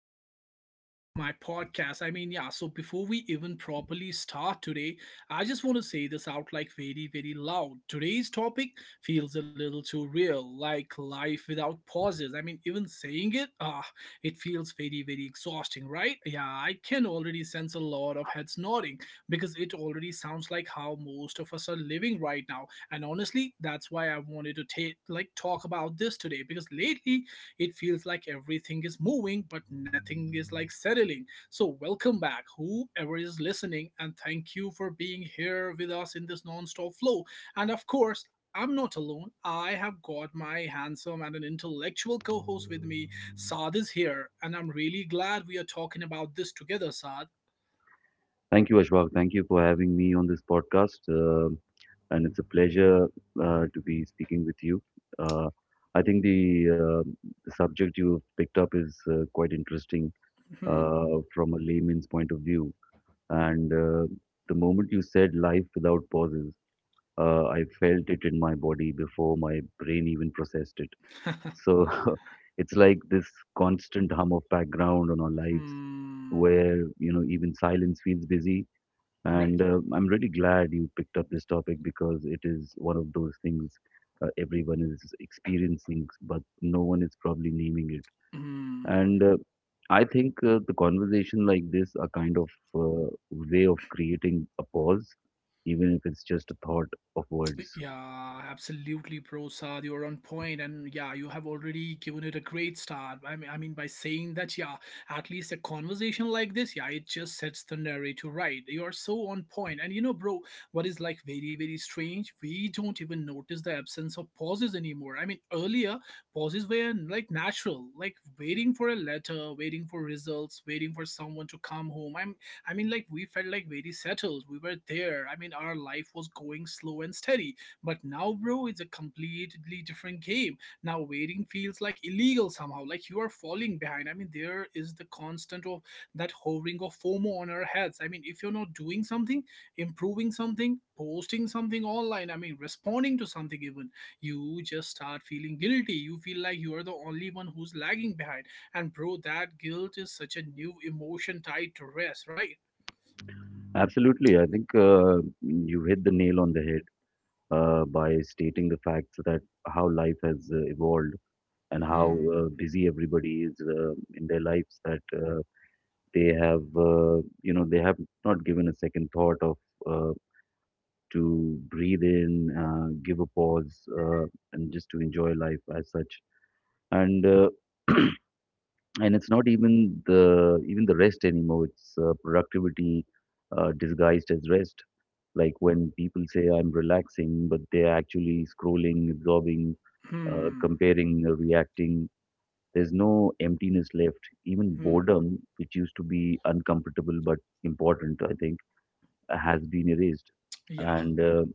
another episode of my podcast. So before we even properly start today, I just want to say this out like very, very loud. Today's topic feels a little too real, like life without pauses. I mean, even saying it, it feels very, very exhausting, right? Yeah, I can already sense a lot of heads nodding because it already sounds like how most of us are living right now, and honestly that's why I wanted to take like talk about this today because lately it feels like everything is moving but nothing is like settling. So welcome back whoever is listening, and thank you for being here with us in this non-stop flow. And of course I'm not alone, I have got my handsome and an intellectual co-host with me. Saad is here and I'm really glad we are talking about this together. Saad, Thank you, Ashwag. Thank you for having me on this podcast. And it's a pleasure to be speaking with you. Uh, I think the subject you've picked up is quite interesting hmm. uh, from a layman's point of view. And the moment you said life without pauses, I felt it in my body before my brain even processed it. So it's like this constant hum of background on our lives Hmm. where, you know, even silence feels busy, Right. and I'm really glad you picked up this topic because it is one of those things everyone is experiencing, but no one is probably naming it. Hmm. And I think the conversation like this are kind of way of creating a pause, even if it's just a thought of words. Yeah, absolutely, bro. Saad, you're on point, and yeah, you have already given it a great start. I mean, by saying that, yeah, at least a conversation like this, yeah, it just sets the narrator right. You're so on point, and you know, bro, what is like very, very strange? We don't even notice the absence of pauses anymore. I mean, earlier pauses were like natural, like waiting for a letter, waiting for results, waiting for someone to come home. I mean, like we felt like very settled. We were there. I mean, our life was going slow and steady, but now, bro, it's a completely different game. Now, waiting feels like illegal somehow, like you are falling behind. I mean, there is the constant of that hovering of FOMO on our heads. I mean, if you're not doing something, improving something, posting something online, I mean, responding to something even, you just start feeling guilty. You feel like you are the only one who's lagging behind. And, bro, that guilt is such a new emotion tied to rest, right? Absolutely, I think you hit the nail on the head by stating the facts that how life has evolved and how Hmm, busy everybody is in their lives that. They have, you know, they have not given a second thought of uh, to breathe in, give a pause, and just to enjoy life as such. And and it's not even the rest anymore. It's productivity disguised as rest. Like when people say I'm relaxing, but they're actually scrolling, absorbing, hmm, comparing, reacting, there's no emptiness left. Even hmm. boredom, which used to be uncomfortable but important, I think, has been erased. Yeah. And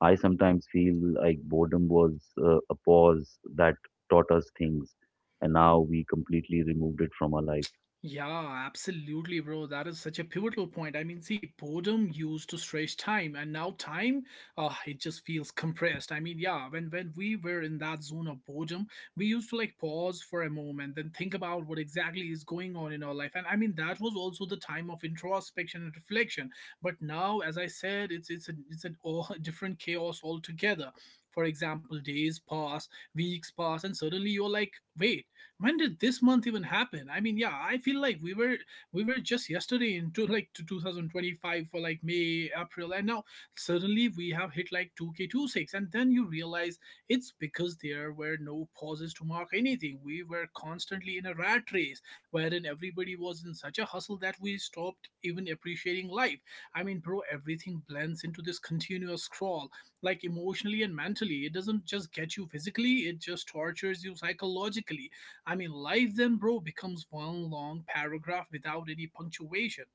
I sometimes feel like boredom was a pause that taught us things, and now we completely removed it from our life. Yeah, absolutely, bro. That is such a pivotal point. I mean, see, boredom used to stretch time, and now time, it just feels compressed. I mean, yeah, when we were in that zone of boredom, we used to like pause for a moment, then think about what exactly is going on in our life. And I mean, that was also the time of introspection and reflection. But now, as I said, it's a all different chaos altogether. For example, days pass, weeks pass, and suddenly you're like, wait, when did this month even happen? I mean, yeah, I feel like we were just yesterday into like to 2025 for like May, April, and now suddenly we have hit like 2k26, and then you realize it's because there were no pauses to mark anything. We were constantly in a rat race wherein everybody was in such a hustle that we stopped even appreciating life. I mean, bro, everything blends into this continuous scroll. Like, emotionally and mentally, it doesn't just get you physically, it just tortures you psychologically. I mean, life then, bro, becomes one long paragraph without any punctuation.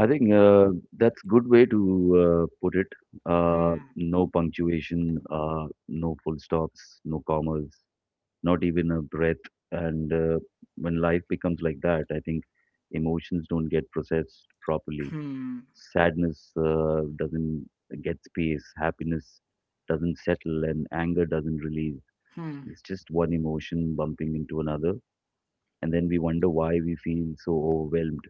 I think that's good way to put it. Hmm, No punctuation, no full stops, no commas, not even a breath. And when life becomes like that, I think emotions don't get processed properly. hmm, Sadness doesn't get space, happiness doesn't settle, and anger doesn't release. hmm. It's just one emotion bumping into another. And then we wonder why we feel so overwhelmed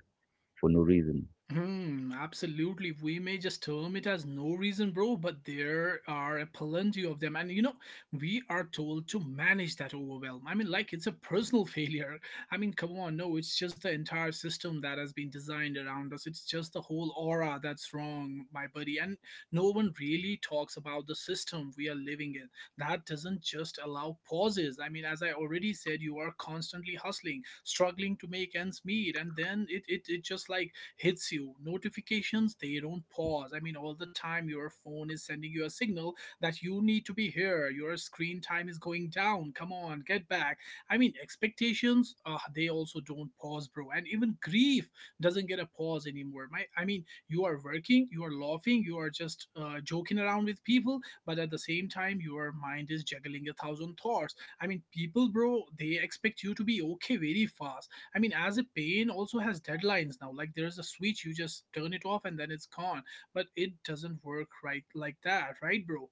for no reason. Hmm, absolutely. We may just term it as no reason, bro, but there are plenty of them. And you know, we are told to manage that overwhelm. I mean, like it's a personal failure. I mean, come on, no, it's just the entire system that has been designed around us. It's just the whole aura that's wrong, my buddy. And no one really talks about the system we are living in. That doesn't just allow pauses. I mean, as I already said, you are constantly hustling, struggling to make ends meet, and then it just like hits you. Notifications, they don't pause. I mean, all the time your phone is sending you a signal that you need to be here, your screen time is going down, come on, get back. I mean, expectations, they also don't pause, bro. And even grief doesn't get a pause anymore. My i mean you are working, you are laughing, you are just joking around with people, but at the same time your mind is juggling a thousand thoughts. I mean, people, bro, they expect you to be okay very fast. I mean, as a pain also has deadlines now. Like there's a switch, you just turn it off and then it's gone. But it doesn't work right like that, right, bro?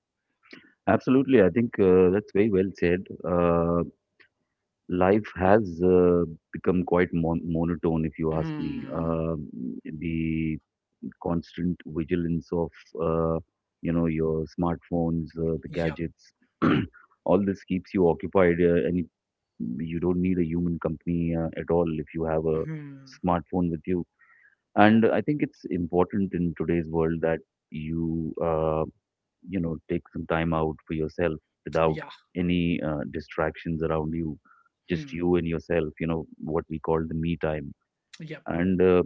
Absolutely, I think that's very well said. Life has become quite monotone, if you ask me. Hmm. The constant vigilance of uh, you know your smartphones, the Yep. gadgets. All this keeps you occupied, you don't need a human company at all if you have a Hmm. smartphone with you. And I think it's important in today's world that you you know take some time out for yourself without Yeah. any distractions around you, Hmm. just you and yourself. You know what we call the me time. Yep. And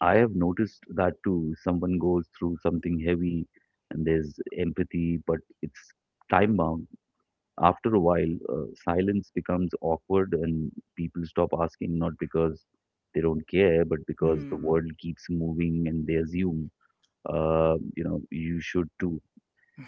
I have noticed that too. Someone goes through something heavy and there's empathy, but it's time bound. After a while, silence becomes awkward and people stop asking, not because they don't care, but because the Hmm. world keeps moving and they assume, you know, you should too.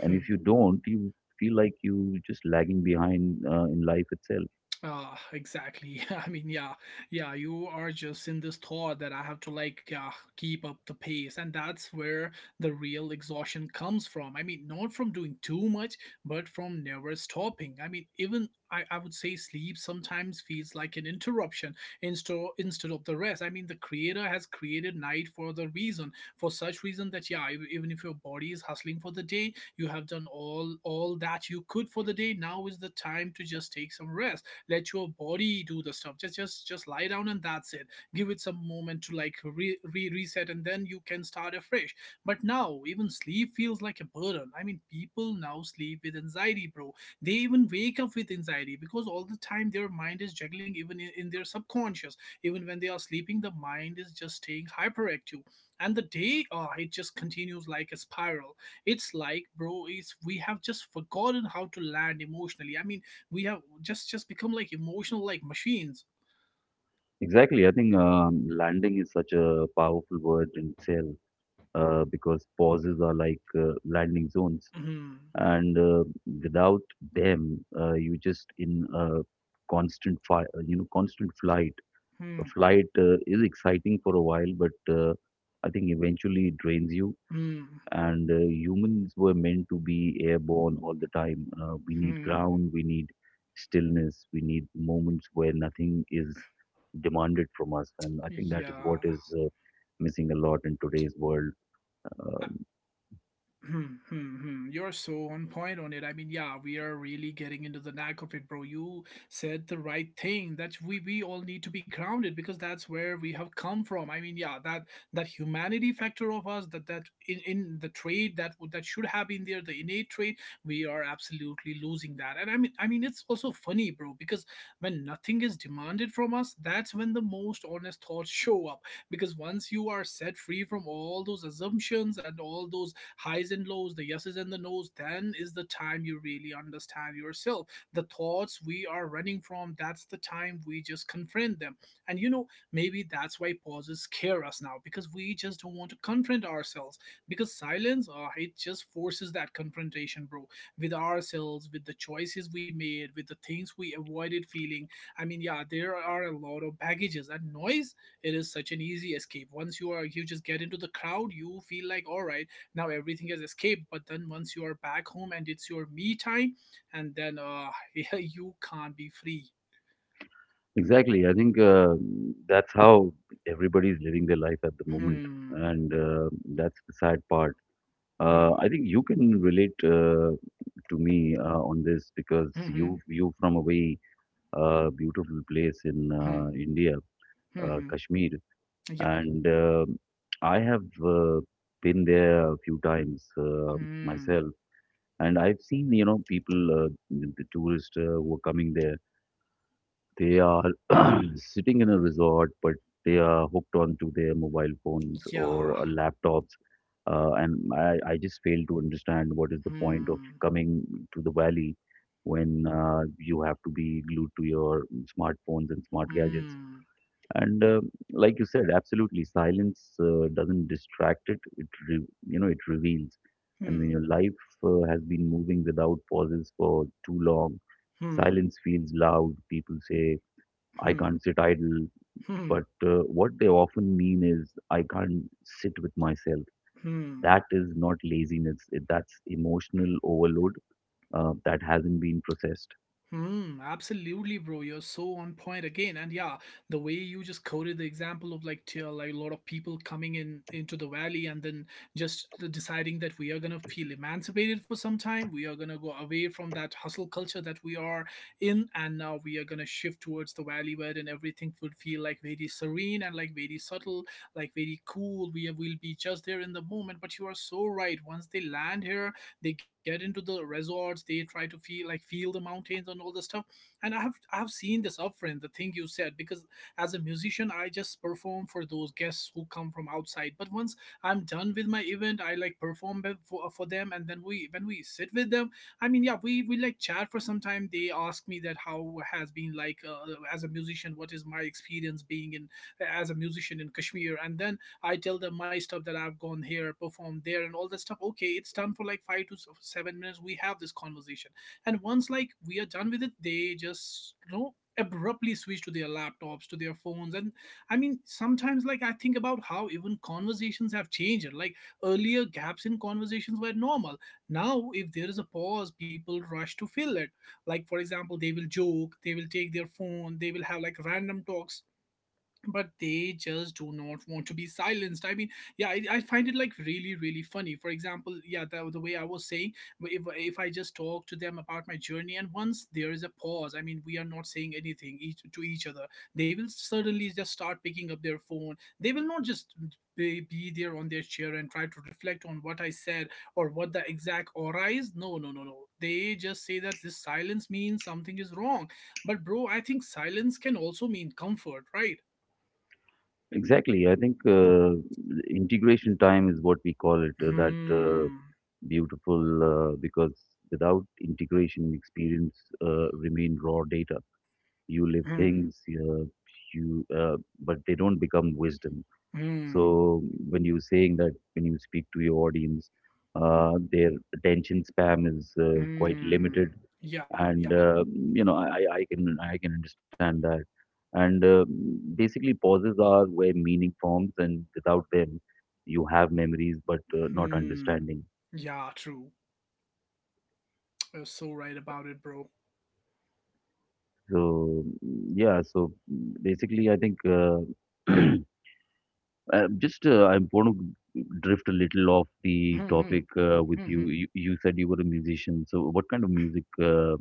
And if you don't, you feel like you just lagging behind in life itself. Ah, exactly. I mean, yeah, yeah, you are just in this thought that I have to like keep up the pace, and that's where the real exhaustion comes from. I mean, not from doing too much, but from never stopping. I mean, even I would say sleep sometimes feels like an interruption instead of the rest. I mean, the creator has created night for the reason, for such reason that yeah, even if your body is hustling for the day, you have done all that you could for the day. Now is the time to just take some rest, let your body do the stuff, just just lie down and that's it. Give it some moment to like reset and then you can start afresh. But now even sleep feels like a burden. I mean, people now sleep with anxiety, bro. They even wake up with anxiety because all the time their mind is juggling, even in their subconscious, even when they are sleeping the mind is just staying hyperactive, and the day, it just continues like a spiral. It's like, bro, is we have just forgotten how to land emotionally. I mean, we have just become like emotional like machines. Exactly. I think landing is such a powerful word in itself because pauses are like landing zones, Hmm. and without them, you just in a constant fire, you know, constant flight. A Hmm. flight is exciting for a while, but I think eventually it drains you. Hmm. And humans were meant to be airborne all the time. We need Hmm. ground, we need stillness, we need moments where nothing is demanded from us. And I think that is what Yeah. is missing a lot in today's world. Um, Hmm, hmm, hmm. You're so on point on it. I mean, yeah, we are really getting into the knack of it, bro. You said the right thing that we all need to be grounded because that's where we have come from. I mean, yeah, that that humanity factor of us, that that in the trade that would that should have been there, the innate trait, we are absolutely losing that. And I mean, it's also funny, bro, because when nothing is demanded from us, that's when the most honest thoughts show up. Because once you are set free from all those assumptions and all those highs and lows, the yeses and the nos, then is the time you really understand yourself. The thoughts we are running from, that's the time we just confront them. And you know, maybe that's why pauses scare us now because we just don't want to confront ourselves. Because silence, it just forces that confrontation, bro, with ourselves, with the choices we made, with the things we avoided feeling. I mean, yeah, there are a lot of baggages and noise. It is such an easy escape. Once you are, you just get into the crowd, you feel like, all right, now everything has escaped. But then once you are back home and it's your me time, and then yeah, you can't be free. Exactly. I think that's how everybody's living their life at the moment, Hmm. and that's the sad part. Hmm. I think you can relate to me on this, because Hmm. you from a very beautiful place in Hmm. Hmm. India, Hmm. Kashmir, Yeah. and I have been there a few times Hmm. myself, and I've seen you know people, the tourists who are coming there. They are sitting in a resort, but they are hooked onto their mobile phones Yeah. or laptops. I just fail to understand what is the point of Hmm. coming to the valley when you have to be glued to your smartphones and smart gadgets. Hmm. And like you said, absolutely, silence doesn't distract it. You know it reveals. And when Hmm. your life has been moving without pauses for too long, Hmm. silence feels loud. People say I Hmm. can't sit idle. Hmm. But what they often mean is, I can't sit with myself. Hmm. That is not laziness, that's emotional overload that hasn't been processed. Hmm, absolutely, bro. You're so on point again. And yeah, the way you just quoted the example of like a lot of people coming in into the valley, and then just deciding that we are gonna feel emancipated for some time. We are gonna go away from that hustle culture that we are in, and now we are gonna shift towards the valley where then everything would feel like very serene and like very subtle, like very cool. We will be just there in the moment. But you are so right. Once they land here, they get into the resorts, they try to feel like feel the mountains and all the stuff. And I have seen the suffering, the thing you said, because as a musician I just perform for those guests who come from outside. But once I'm done with my event, I like for them, and then we when we sit with them, I mean, yeah, we like chat for some time. They ask me that how has been like as a musician what is my experience being in, as a musician in Kashmir. And then I tell them my stuff that I've gone here, performed there, and all that stuff. Okay, it's done for like 5 to 7 minutes. We have this conversation, and once like we are done with it, they just abruptly switch to their laptops, to their phones, and I mean sometimes like I think about how even conversations have changed. Like earlier, gaps in conversations were normal. Now, if there is a pause, people rush to fill it. Like for example, they will joke, they will take their phone, they will have like random talks, but they just do not want to be silenced. I mean, yeah, I find it like really really funny. For example, yeah, the way I was saying, if I just talk to them about my journey, and once there is a pause, I mean we are not saying anything to each other, they will suddenly just start picking up their phone. They will not just be there on their chair and try to reflect on what I said or what the exact aura is. No, no, no, no, they just say that this silence means something is wrong. But bro, I think silence can also mean comfort, right? Exactly. I think integration time is what we call it. That Hmm. beautiful because without integration, experience remain raw data. You live Hmm. things, you but they don't become wisdom. Hmm. So when you're saying that when you speak to your audience, their attention spam is quite limited, Hmm. Yeah. Yeah. and you know I can I can understand that. And basically, pauses are where meaning forms, and without them, you have memories but not Hmm. understanding. Yeah. True. You're so right about it, bro. So yeah, so basically, I think. Just I want to drift a little off the Hmm. Hmm. topic with Hmm. you. You said you were a musician, so what kind of music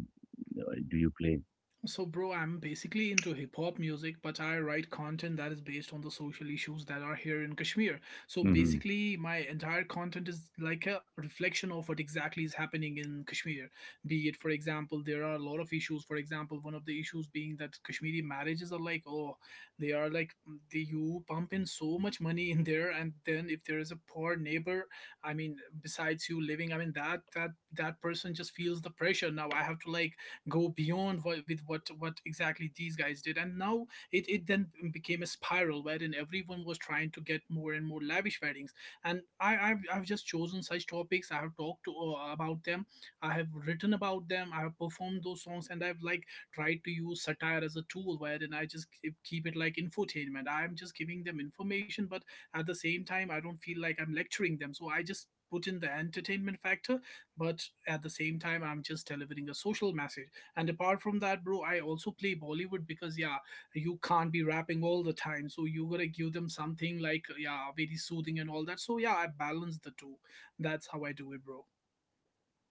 do you play? So, bro, I'm basically into hip hop music, but I write content that is based on the social issues that are here in Kashmir. So, hmm basically, my entire content is like a reflection of what exactly is happening in Kashmir. Be it, for example, there are a lot of issues. For example, one of the issues being that Kashmiri marriages are like, oh, they are like, they, you pump in so much money in there, and then if there is a poor neighbor, I mean, besides you living, I mean, that that person just feels the pressure. Now I have to like go beyond what, with what exactly these guys did, and now it then became a spiral wherein everyone was trying to get more and more lavish weddings. And I've just chosen such topics. I have talked to, about them, I have written about them, I have performed those songs, and I've like tried to use satire as a tool wherein I just keep it like infotainment. I'm just giving them information, but at the same time I don't feel like I'm lecturing them, so I just put in the entertainment factor, but at the same time I'm just delivering a social message. And apart from that, bro, I also play Bollywood because yeah, you can't be rapping all the time. So you gotta give them something like yeah, very soothing and all that. So yeah, I balance the two. That's how I do it, bro.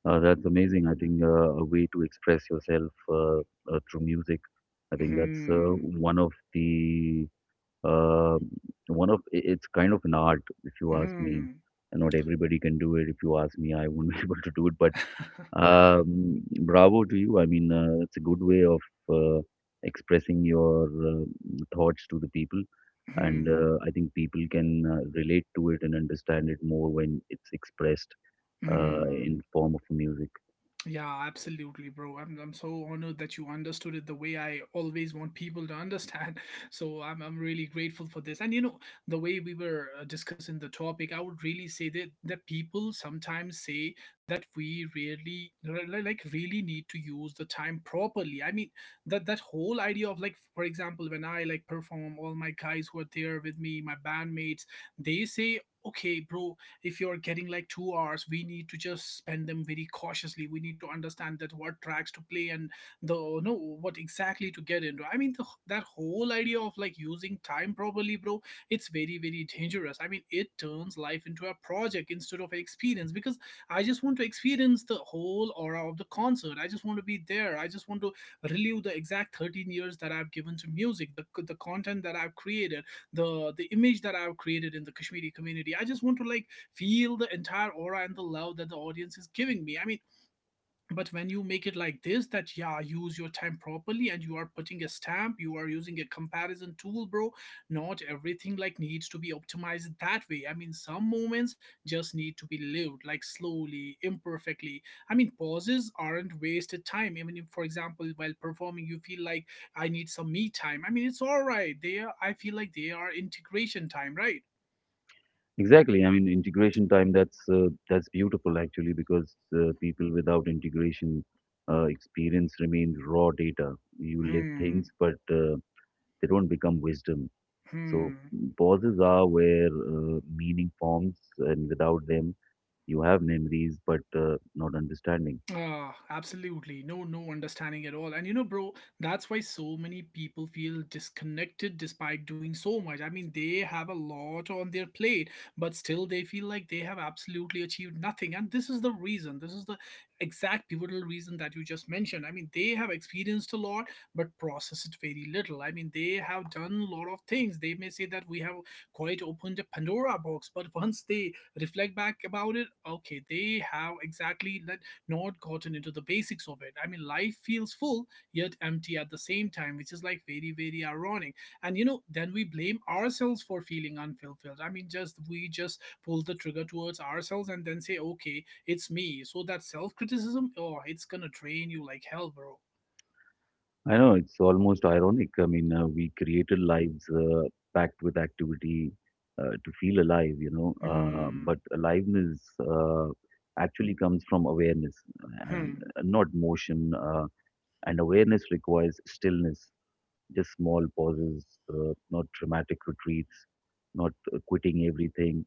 That's amazing. I think a way to express yourself uh, through music. I think that's Hmm. one of the uh, it's kind of an art, if you ask me. Hmm. And not everybody can do it. If you ask me, I won't be able to do it. But bravo to you. I mean, it's a good way of uh, expressing your thoughts to the people, and Hmm. I think people can relate to it and understand it more when it's expressed Hmm. in form of music. Yeah, absolutely, bro. I'm so honored that you understood it the way I always want people to understand. So I'm really grateful for this. And you know, the way we were discussing the topic, I would really say that people sometimes say that we really like really need to use the time properly. I mean, that that whole idea of like, for example, when I like perform, all my guys who are there with me, my bandmates, they say, okay, bro, if you're getting like 2 hours, we need to just spend them very cautiously. We need to understand that what tracks to play, and the no what exactly to get into. I mean that whole idea of like using time properly, bro, it's very very dangerous. I mean, it turns life into a project instead of an experience, because I just want to experience the whole aura of the concert. I just want to be there, I just want to relive the exact 13 years that I've given to music, the content that I've created, the image that I've created in the Kashmiri community. I just want to like feel the entire aura and the love that the audience is giving me. I mean, but when you make it like this, that yeah, use your time properly, and you are putting a stamp, you are using a comparison tool, bro. Not everything like needs to be optimized that way. I mean, some moments just need to be lived like slowly, imperfectly. I mean, pauses aren't wasted time. Even if, for example, while performing, you feel like I need some me time. I mean, it's all right. I feel like they are integration time, right? Exactly. I mean, integration time. That's beautiful actually, because people without integration experience remains raw data. You live things, Hmm. but they don't become wisdom. So Hmm. pauses are where meaning forms, and without them, you have memories but not understanding. Ah, absolutely. No, no understanding at all. And you know, bro, that's why so many people feel disconnected despite doing so much. I mean, they have a lot on their plate, but still they feel like they have absolutely achieved nothing. And this is the reason. This is the exact pivotal reason that you just mentioned. I mean, they have experienced a lot, but processed it very little. I mean, they have done a lot of things. They may say that we have quite opened a Pandora box, but once they reflect back about it, okay, they have exactly let not gotten into the basics of it. I mean, life feels full yet empty at the same time, which is like very, very ironic. And you know, then we blame ourselves for feeling unfulfilled. I mean, just we just pull the trigger towards ourselves and then say, okay, it's me. So that self criticism, oh, it's gonna drain you like hell, bro. I know it's almost ironic. I mean, we created lives packed with activity to feel alive, you know, Hmm, but aliveness actually comes from awareness and hmm, not motion. And awareness requires stillness, just small pauses, not dramatic retreats, not quitting everything,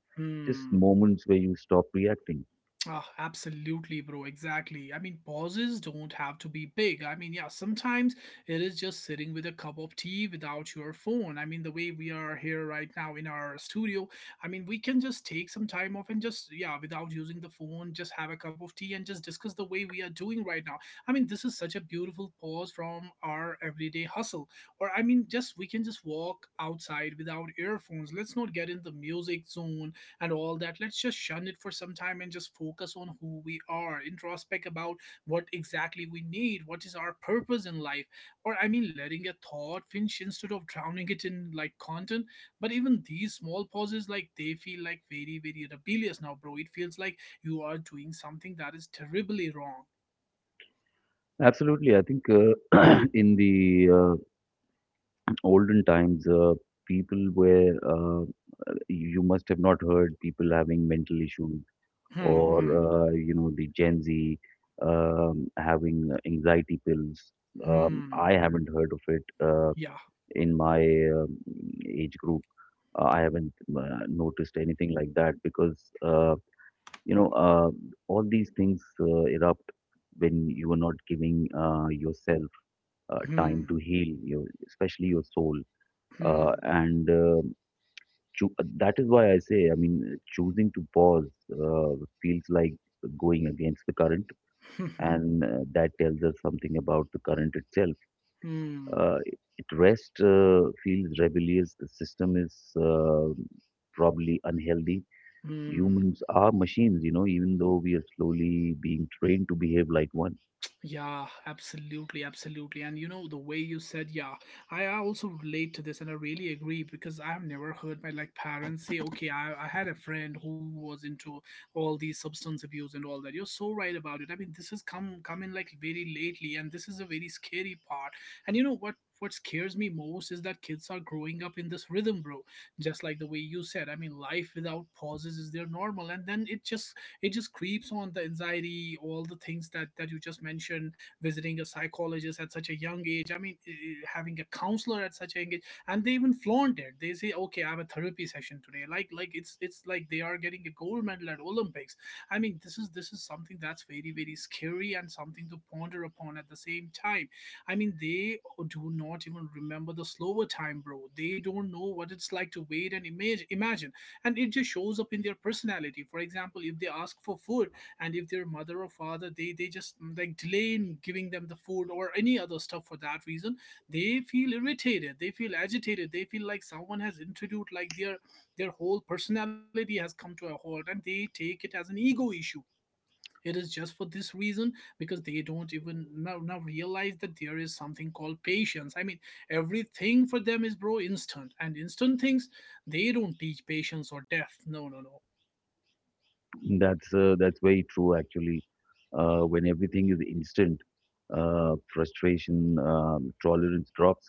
just hmm. moments where you stop reacting. Ah, absolutely, bro. Exactly. I mean, pauses don't have to be big. I mean, yeah, sometimes it is just sitting with a cup of tea without your phone. I mean, the way we are here right now in our studio, I mean, we can just take some time off and just, yeah, without using the phone, just have a cup of tea and just discuss the way we are doing right now. I mean, this is such a beautiful pause from our everyday hustle. Or, I mean, just we can just walk outside without earphones. Let's not get in the music zone and all that. Let's just shun it for some time and just focus on who we are, introspect about what exactly we need, what is our purpose in life. Or I mean, letting a thought finish instead of drowning it in like content. But even these small pauses like they feel like very very rebellious now, bro. It feels like you are doing something that is terribly wrong. Absolutely, I think in the olden times, people were you must have not heard people having mental issues Hmm. or Hmm. You know, the Gen Z having anxiety pills. Hmm. I haven't heard of it. Yeah. In my um, age group. I haven't noticed anything like that, because you know all these things erupt when you are not giving yourself time to Hmm. heal your, especially your soul. Uh, Hmm. and uh, that is why I say, I mean, choosing to pause uh, feels like going against the current, and that tells us something about the current itself. Hmm. Uh, it rest uh, feels rebellious. The system is probably unhealthy. Hmm. Humans are machines, you know, even though we are slowly being trained to behave like one. Yeah, absolutely, absolutely. And you know, the way you said, yeah, I also relate to this and I really agree, because I've never heard my like parents say, okay, I had a friend who was into all these substance abuse and all that. You're so right about it. I mean, this has come in like very lately, and this is a very scary part. And you know, what scares me most is that kids are growing up in this rhythm, bro. Just like the way you said. I mean, life without pauses is their normal, and then it just creeps on the anxiety, all the things that you just mentioned, visiting a psychologist at such a young age. I mean, having a counselor at such a young age, and they even flaunt it. They say, okay, I have a therapy session today, like it's like they are getting a gold medal at Olympics. I mean, this is something that's very very scary and something to ponder upon at the same time. I mean, they do not even remember the slower time, bro. They don't know what it's like to wait and imagine, and it just shows up in their personality. For example, if they ask for food, and if their mother or father, they just like delay in giving them the food or any other stuff for that reason, they feel irritated, they feel agitated, they feel like someone has introduced like their whole personality has come to a halt, and they take it as an ego issue. It is just for this reason, because they don't even now realize that there is something called patience. I mean, everything for them is, bro, instant, and instant things, they don't teach patience or depth. No, no, no. That's very true, actually. When everything is instant, frustration tolerance drops,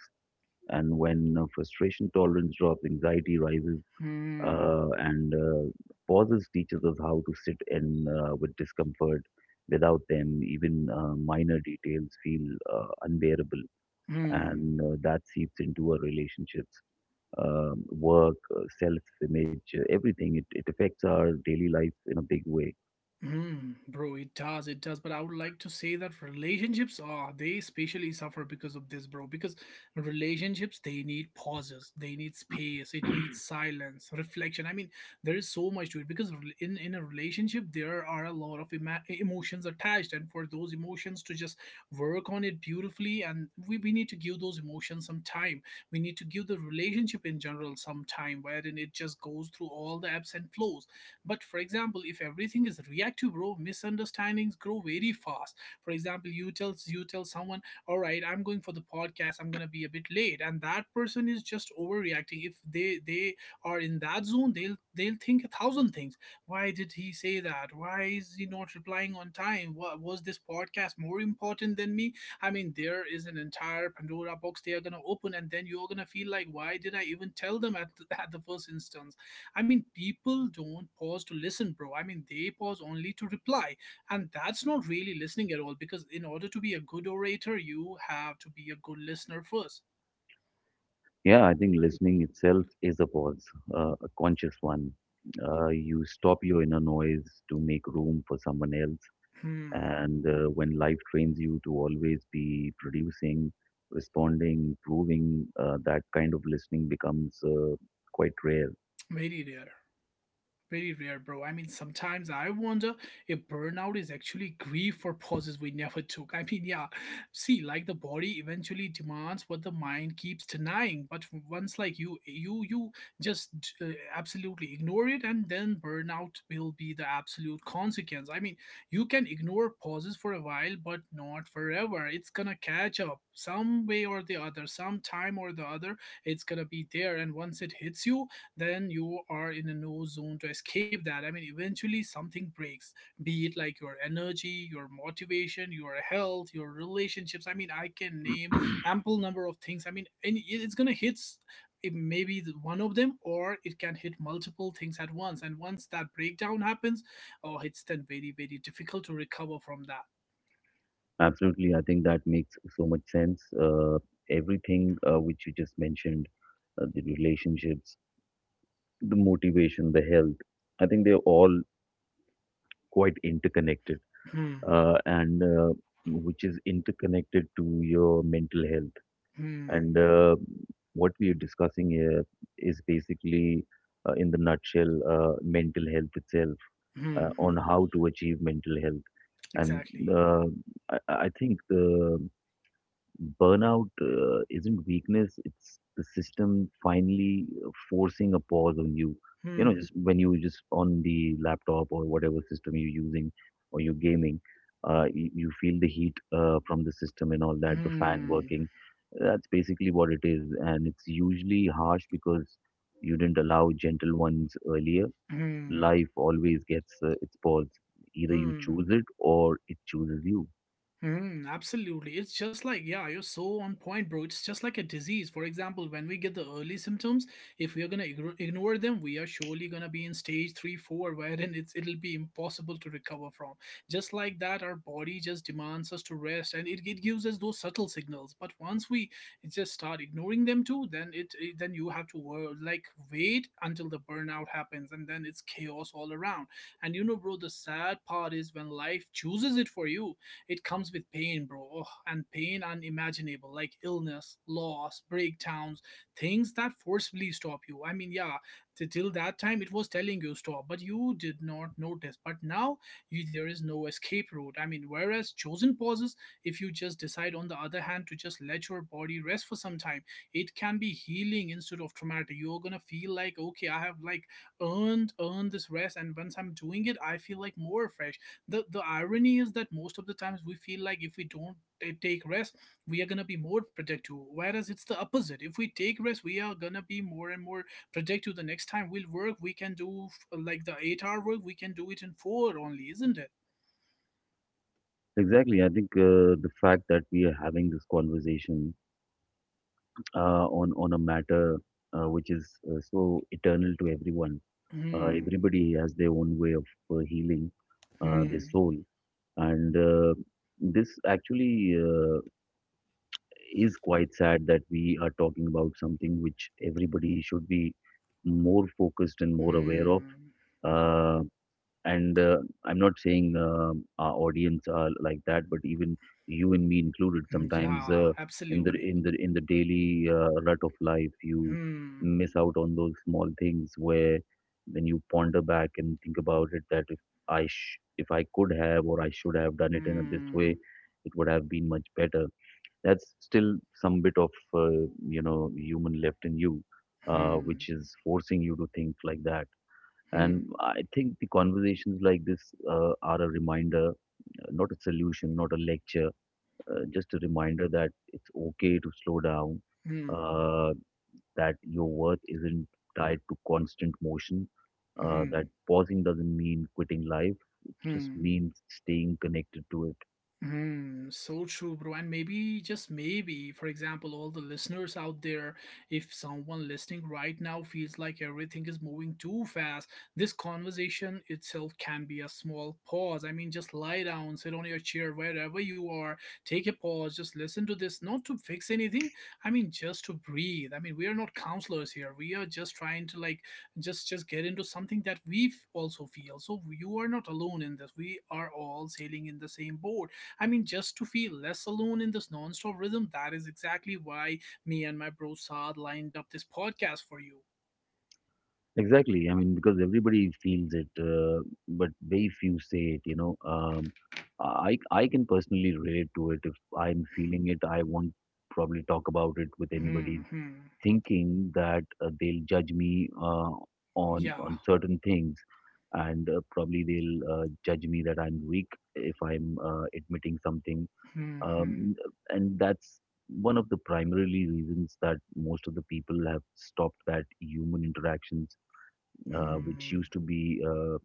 and when frustration tolerance drops, anxiety rises Hmm. And pauses teaches us how to sit in with discomfort. Without them, even minor details feel unbearable, Hmm. and that seeps into our relationships, work, self-image, everything. It affects our daily life in a big way. Hmm, bro, it does, it does. But I would like to say that relationships are, they especially suffer because of this, bro. Because relationships, they need pauses, they need space, it needs silence, reflection. I mean, there is so much to it, because in a relationship there are a lot of ema emotions attached, and for those emotions to just work on it beautifully, and we need to give those emotions some time. We need to give the relationship in general some time, wherein it just goes through all the ebbs and flows, but for example, if everything is reactive, bro, misunderstandings grow very fast. For example, you tell someone, all right, I'm going for the podcast, I'm gonna be a bit late, and that person is just overreacting. If they are in that zone, they'll think a thousand things. Why did he say that? Why is he not replying on time? What was this podcast more important than me? I mean, there is an entire Pandora box they are gonna open, and then you're gonna feel like, why did I even tell them at at the first instance? I mean, people don't pause to listen, bro. I mean, they pause only to reply. And that's not really listening at all because, in order to be a good orator, you have to be a good listener first. Yeah, I think listening itself is a pause, a conscious one. You stop your inner noise to make room for someone else, Hmm, and when life trains you to always be producing, responding, proving, that kind of listening becomes quite rare. very rare. Very rare, bro. I mean, sometimes I wonder if burnout is actually grief for pauses we never took. I mean, yeah, see, like the body eventually demands what the mind keeps denying, but once like you just uh, absolutely ignore it, and then burnout will be the absolute consequence. I mean, you can ignore pauses for a while, but not forever. It's gonna catch up some way or the other, some time or the other. It's gonna be there, and once it hits you, then you are in a no zone to escape that. I mean, eventually something breaks, be it like your energy, your motivation, your health, your relationships. I mean, I can name ample number of things. I mean, and it's gonna hit. It may be one of them, or it can hit multiple things at once. And once that breakdown happens, oh, it's then very, very difficult to recover from that. Absolutely, I think that makes so much sense. Everything which you just mentioned, the relationships, the motivation, the health, I think they're all quite interconnected, Hmm. And which is interconnected to your mental health. Hmm. And what we are discussing here is basically, in the nutshell, mental health itself, Hmm. Hmm. on how to achieve mental health. And Exactly. uh, I think the burnout isn't weakness, it's the system finally forcing a pause on you. You know, Hmm. just when you just on the laptop or whatever system you're using or you're gaming, you feel the heat from the system and all that, the fan Hmm. working. That's basically what it is. And it's usually harsh because you didn't allow gentle ones earlier. Hmm. Life always gets its pause. Either you Hmm. choose it or it chooses you. Hmm, absolutely. It's just like, yeah, you're so on point, bro. It's just like a disease. For example, when we get the early symptoms, if we are gonna ignore them, we are surely gonna be in stage three, four, wherein it'll be impossible to recover from. Just like that, our body just demands us to rest, and it gives us those subtle signals. But once we just start ignoring them too, then it then you have to work, like wait until the burnout happens, and then it's chaos all around. And you know, bro, the sad part is when life chooses it for you, it comes with pain, bro, and pain unimaginable, like illness, loss, breakdowns, things that forcibly stop you. I mean, yeah, till that time it was telling you stop, but you did not notice. But now you, there is no escape route. I mean, whereas chosen pauses, if you just decide, on the other hand, to just let your body rest for some time, it can be healing instead of traumatic. You're gonna feel like, okay, I have like earned this rest, and once I'm doing it, I feel like more fresh. The irony is that most of the times we feel like if we don't take rest, we are going to be more protective, whereas it's the opposite. If we take rest, we are going to be more and more protective. The next time we'll work, we can do like the 8-hour work, we can do it in 4 only, isn't it? Exactly. I think the fact that we are having this conversation on a matter which is so eternal to everyone. Hmm. Everybody has their own way of healing their Hmm. soul, and this actually is quite sad that we are talking about something which everybody should be more focused and more aware of. Hmm. Uh, and I'm not saying our audience are like that, but even you and me included Hmm, sometimes yeah, in the absolutely. Daily rut of life, you Hmm. miss out on those small things, where when you ponder back and think about it that if if I could have or I should have done it in a this Hmm. way, it would have been much better. That's still some bit of you know, human left in you, Hmm. which is forcing you to think like that. And Hmm. I think the conversations like this are a reminder, not a solution, not a lecture, just a reminder that it's okay to slow down, Hmm. uh, that your worth isn't tied to constant motion, that Hmm. pausing doesn't mean quitting life, it just Hmm. means staying connected to it. Hmm, so true, bro. And maybe, just maybe, for example, all the listeners out there, if someone listening right now feels like everything is moving too fast, this conversation itself can be a small pause. I mean, just lie down, sit on your chair, wherever you are, take a pause, just listen to this, not to fix anything. I mean, just to breathe. I mean, we are not counselors here. We are just trying to like just get into something that we also feel. So you are not alone in this. We are all sailing in the same boat. I mean, just to feel less alone in this non-stop rhythm, that is exactly why me and my bro Saad lined up this podcast for you. Exactly. I mean, because everybody feels it, but very few say it. You know, I can personally relate to it. If I'm feeling it, I won't probably talk about it with anybody, Hmm, hmm, thinking that they'll judge me on yeah. Certain things, and probably they'll judge me that I'm weak if I'm admitting something. Hmm, hmm, Um, and that's one of the primarily reasons that most of the people have stopped that human interactions, which hmm, used to be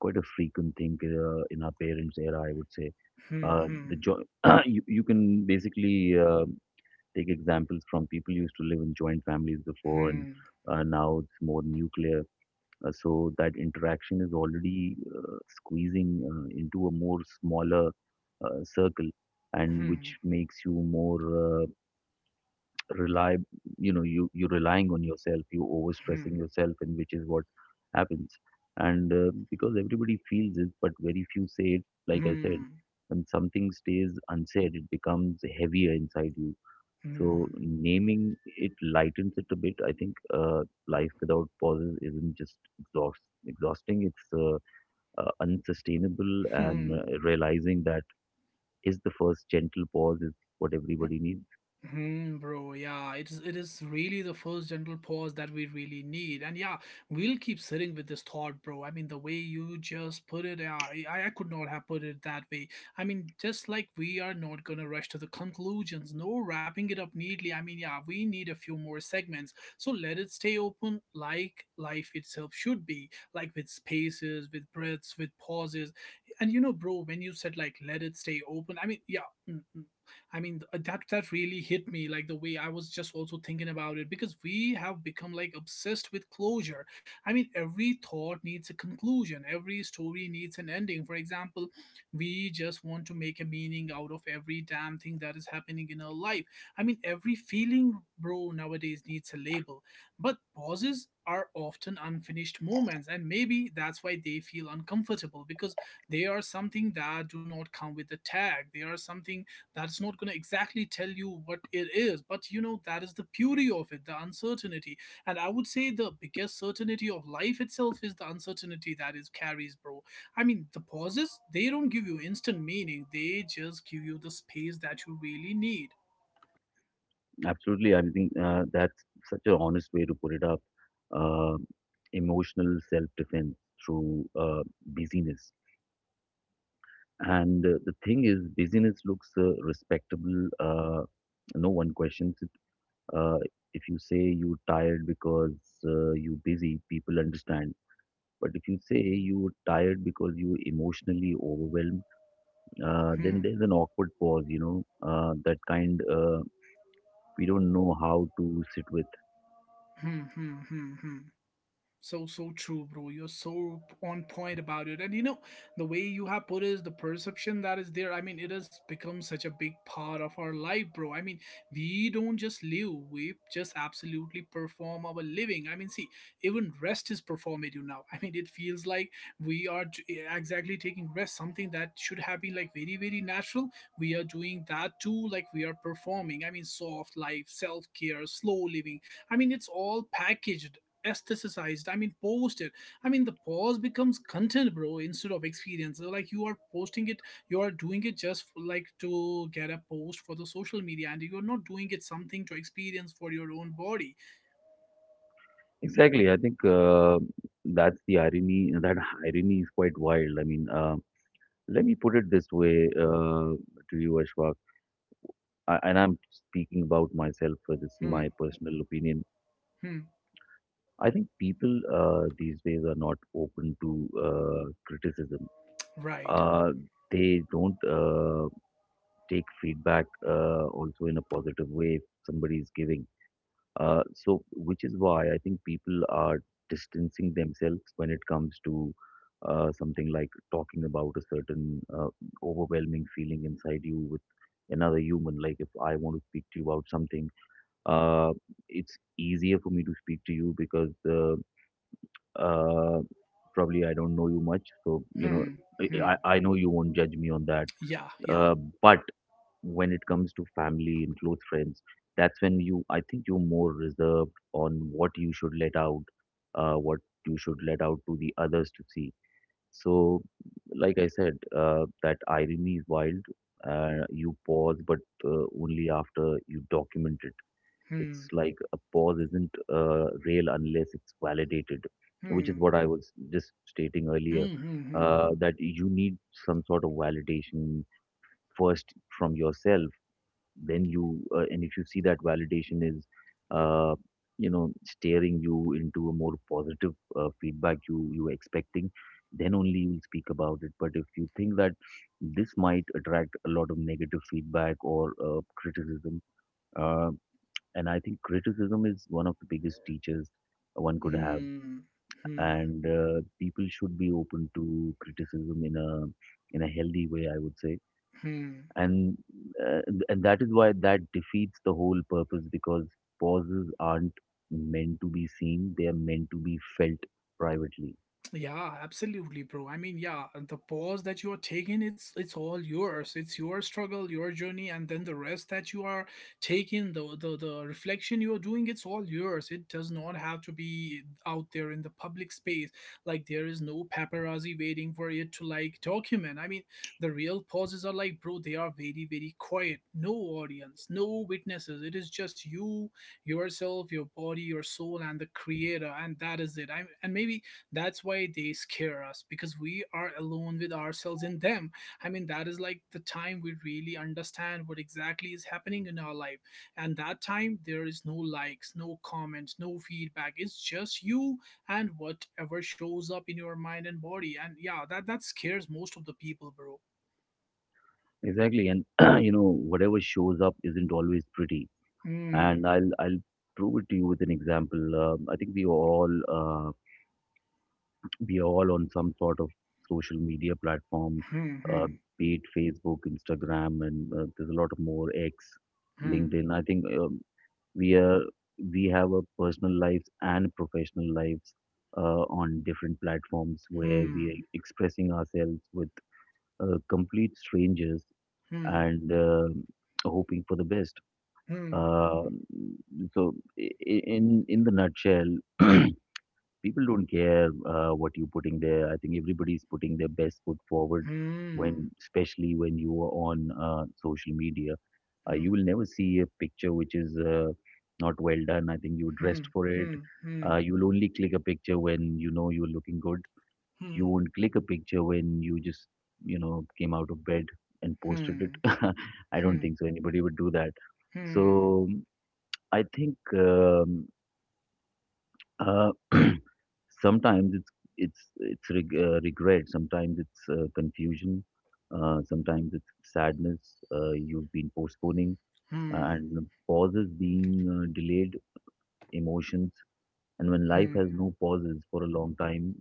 quite a frequent thing in our parents' era, I would say. hmm, Uh, hmm, the jo- you can basically take examples from people who used to live in joint families before, and hmm, now it's more nuclear. So that interaction is already squeezing into a more smaller circle, and hmm, which makes you more rely, you know, you relying on yourself, you hmm, overstressing yourself, and which is what happens. And because everybody feels it but very few say it, like I said, hmm, when something stays unsaid it becomes heavier inside you, so hmm, naming it lightens it a bit. I think life without pauses isn't just exhausting, it's unsustainable, and hmm. Realizing that is the first gentle pause is what Hmm. everybody needs. Hmm, bro, yeah, it is really the first gentle pause that we really need. And yeah, we'll keep sitting with this thought, bro. I mean, the way you just put it, yeah, I could not have put it that way. I mean, just like we are not gonna rush to the conclusions, no wrapping it up neatly. I mean, yeah, we need a few more segments. So let it stay open like life itself should be, like with spaces, with breaths, with pauses. And you know, bro, when you said like let it stay open, I mean, yeah. Mm, mm, I mean, that really hit me like the way I was just also thinking about it because we have become like obsessed with closure. I mean, every thought needs a conclusion. Every story needs an ending. For example, we just want to make a meaning out of every damn thing that is happening in our life. I mean, every feeling, bro, nowadays needs a label. But pauses are often unfinished moments, and maybe that's why they feel uncomfortable because they are something that do not come with a tag. They are something that's not going to exactly tell you what it is, but you know that is the beauty of it, the uncertainty. And I would say the biggest certainty of life itself is the uncertainty that is carries, bro. I mean, the pauses, they don't give you instant meaning, they just give you the space that you really need. Absolutely. I think that's such an honest way to put it up. Uh, Emotional self-defense through busyness. And the thing is, busyness looks respectable. No one questions it. Uh, if you say you're tired because you're busy, people understand. But if you say you're tired because you're emotionally overwhelmed, Hmm. then there's an awkward pause. You know, that kind we don't know how to sit with. Hmm. Hmm. Hmm. Hmm. So so true, bro. You're so on point about it. And you know, the way you have put is the perception that is there. I mean, it has become such a big part of our life, bro. I mean, we don't just live, we just absolutely perform our living. I mean, see, even rest is performative now. I mean, it feels like we are exactly taking rest, something that should have been like very, very natural. We are doing that too, like we are performing. I mean, soft life, self care, slow living. I mean, it's all packaged, aestheticized, I mean posted. I mean the pause becomes content, bro, instead of experience. So, like you are posting it, you are doing it just for, like to get a post for the social media, and you're not doing it something to experience for your own body. Exactly. I think that's the irony. That irony is quite wild. I mean, let me put it this way to you, Ashwak. I, and I'm speaking about myself. This is Hmm. my personal opinion. Hmm. I think people these days are not open to criticism. Right. Uh, they don't take feedback also in a positive way if somebody is giving. So, which is why I think people are distancing themselves when it comes to something like talking about a certain overwhelming feeling inside you with another human. Like, if I want to speak to you about something, uh, it's easier for me to speak to you because uh, probably I don't know you much. So, you know, Hmm. Hmm. I know you won't judge me on that. Yeah, yeah. Uh, but when it comes to family and close friends, that's when you I think you're more reserved on what you should let out, what you should let out to the others to see. So, like I said, that irony is wild. You pause, but only after you document it. It's Hmm. like a pause isn't real unless it's validated, which is Hmm. what I was just stating earlier. Hmm. Hmm. That you need some sort of validation first, from yourself. Then you and if you see that validation is uh, you know, steering you into a more positive feedback you were expecting, then only you'll speak about it. But if you think that this might attract a lot of negative feedback or criticism, uh, and I think criticism is one of the biggest teachers one could have, Hmm. Hmm. Hmm, and people should be open to criticism in a healthy way, I would say. hmm. And uh, and that is why that defeats the whole purpose, because pauses aren't meant to be seen, they are meant to be felt privately. Yeah, absolutely, bro. I mean, yeah, the pause that you are taking, it's all yours. It's your struggle, your journey, and then the rest that you are taking, the the reflection you are doing, it's all yours. It does not have to be out there in the public space. Like there is no paparazzi waiting for it to like document. I mean, the real pauses are like, bro, they are very, very quiet. No audience, no witnesses. It is just you yourself, your body, your soul, and the creator, and that is it. I and maybe that's why they scare us because we are alone with ourselves and them. I mean, that is like the time we really understand what exactly is happening in our life. And that time, there is no likes, no comments, no feedback. It's just you and whatever shows up in your mind and body. And yeah, that scares most of the people, bro. Exactly. And you know, whatever shows up isn't always pretty. And Hmm. I'll prove it to you with an example. I think we are all on some sort of social media platform, Hmm. Hmm. uh, be it Facebook, Instagram, and there's a lot of more, X, Hmm. LinkedIn. I think, we are we have a personal lives and professional lives on different platforms where we Hmm. are expressing ourselves with complete strangers and hoping for the best. Hmm. Uh, so, in the nutshell, people don't care what you're putting there. I think everybody's putting their best foot forward Hmm. Hmm. when, especially when you are on social media. Hmm. You will never see a picture which is not well done. I think you Hmm. dressed for it. Hmm. Hmm. You will only click a picture when you know you're looking good. Hmm. You won't click a picture when you just, you know, came out of bed and posted Hmm. it. I don't Hmm. think so. Anybody would do that. Hmm. So I think, uh, sometimes it's regret. Sometimes it's confusion. Sometimes it's sadness. You've been postponing, Hmm. and pauses being delayed emotions, and when life has Hmm. no pauses for a long time,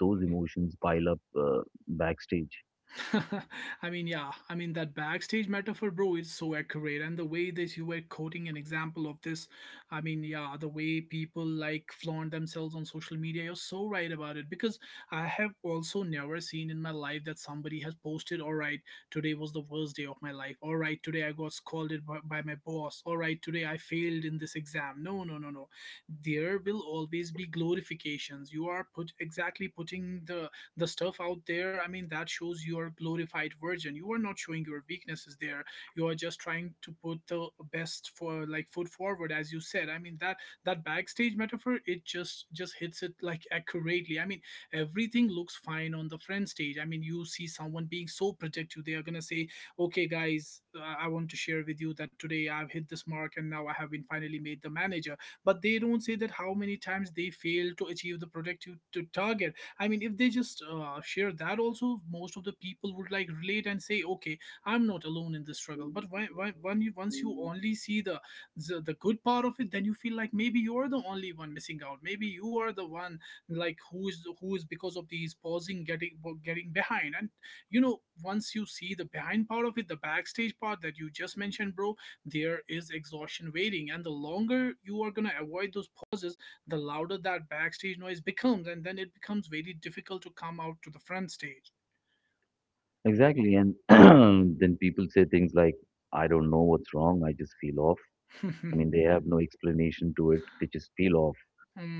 those emotions pile up backstage. I mean, yeah. I mean, that backstage metaphor, bro, is so accurate. And the way that you were quoting an example of this, I mean, yeah, the way people like flaunt themselves on social media, you're so right about it. Because I have also never seen in my life that somebody has posted, all right, today was the worst day of my life. All right, today I got scolded by my boss. All right, today I failed in this exam. No, no, no, no. There will always be glorifications. You are put putting the stuff out there. I mean, that shows your glorified version. You are not showing your weaknesses there. You are just trying to put the best for like foot forward as you said. I mean that backstage metaphor, it just hits it like accurately. I mean, everything looks fine on the front stage. I mean, you see someone being so protective. They are going to say, "Okay guys, I want to share with you that today I've hit this mark and now I have been finally made the manager." But they don't say that how many times they fail to achieve the productive to target. I mean, if they just share that, also most of the people would like relate and say, "Okay, I'm not alone in this struggle." But when you once you only see the good part of it, then you feel like maybe you're the only one missing out. Maybe you are the one like who is because of these pausing getting behind. And you know, once you see the behind part of it, the backstage part that you just mentioned, bro, there is exhaustion waiting. And the longer you are gonna avoid those pauses, the louder that backstage noise becomes, and then it becomes very difficult to come out to the front stage. Exactly. And then people say things like, "I don't know what's wrong, I just feel off." hmm, I mean, they have no explanation to it, they just feel off.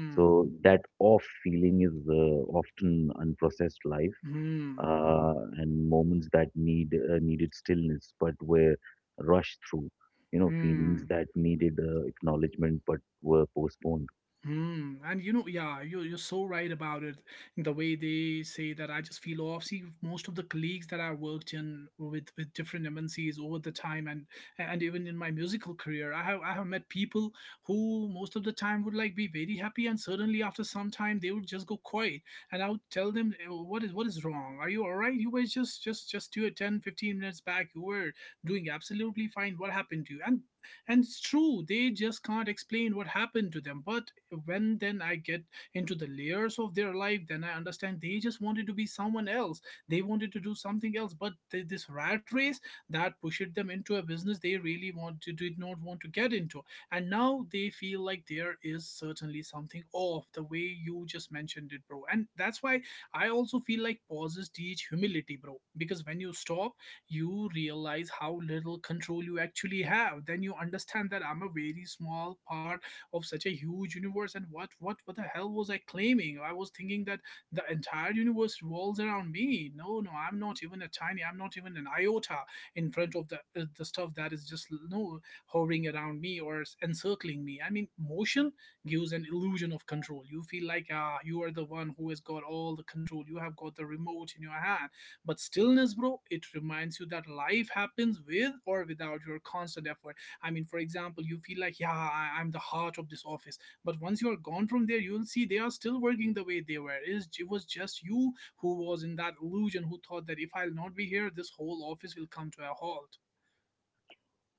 So that off feeling is often unprocessed life, hmm, and moments that needed stillness but were rushed through, you know, feelings hmm. that needed acknowledgement but were postponed. Hmm. And you know, yeah, you're so right about it. The way they say that, I just feel off. See, most of the colleagues that I worked in with different MNCs over the time, and even in my musical career, I have met people who most of the time would like be very happy, and suddenly after some time they would just go quiet, and I would tell them, "Eh, what is wrong? Are you all right? You were just two 10, 15 minutes back, you were doing absolutely fine. What happened to you?" And it's true, they just can't explain what happened to them. But when then I get into the layers of their life, then I understand they just wanted to be someone else. They wanted to do something else, but this rat race that pushed them into a business they really want to did not want to get into. And now they feel like there is certainly something off the way you just mentioned it, bro. And that's why I also feel like pauses teach humility, bro. Because when you stop, you realize how little control you actually have. Then you understand that I'm a very small part of such a huge universe. And what the hell was I claiming? I was thinking that the entire universe revolves around me. No, no, I'm not even a tiny, I'm not even an iota in front of the stuff that is just no hovering around me or encircling me. I mean, motion gives an illusion of control. You feel like, ah, you are the one who has got all the control, you have got the remote in your hand. But stillness, bro, it reminds you that life happens with or without your constant effort. I mean, for example, you feel like, yeah, I'm the heart of this office. But once you are gone from there, you'll see they are still working the way they were. It was just you who was in that illusion, who thought that if I'll not be here, this whole office will come to a halt.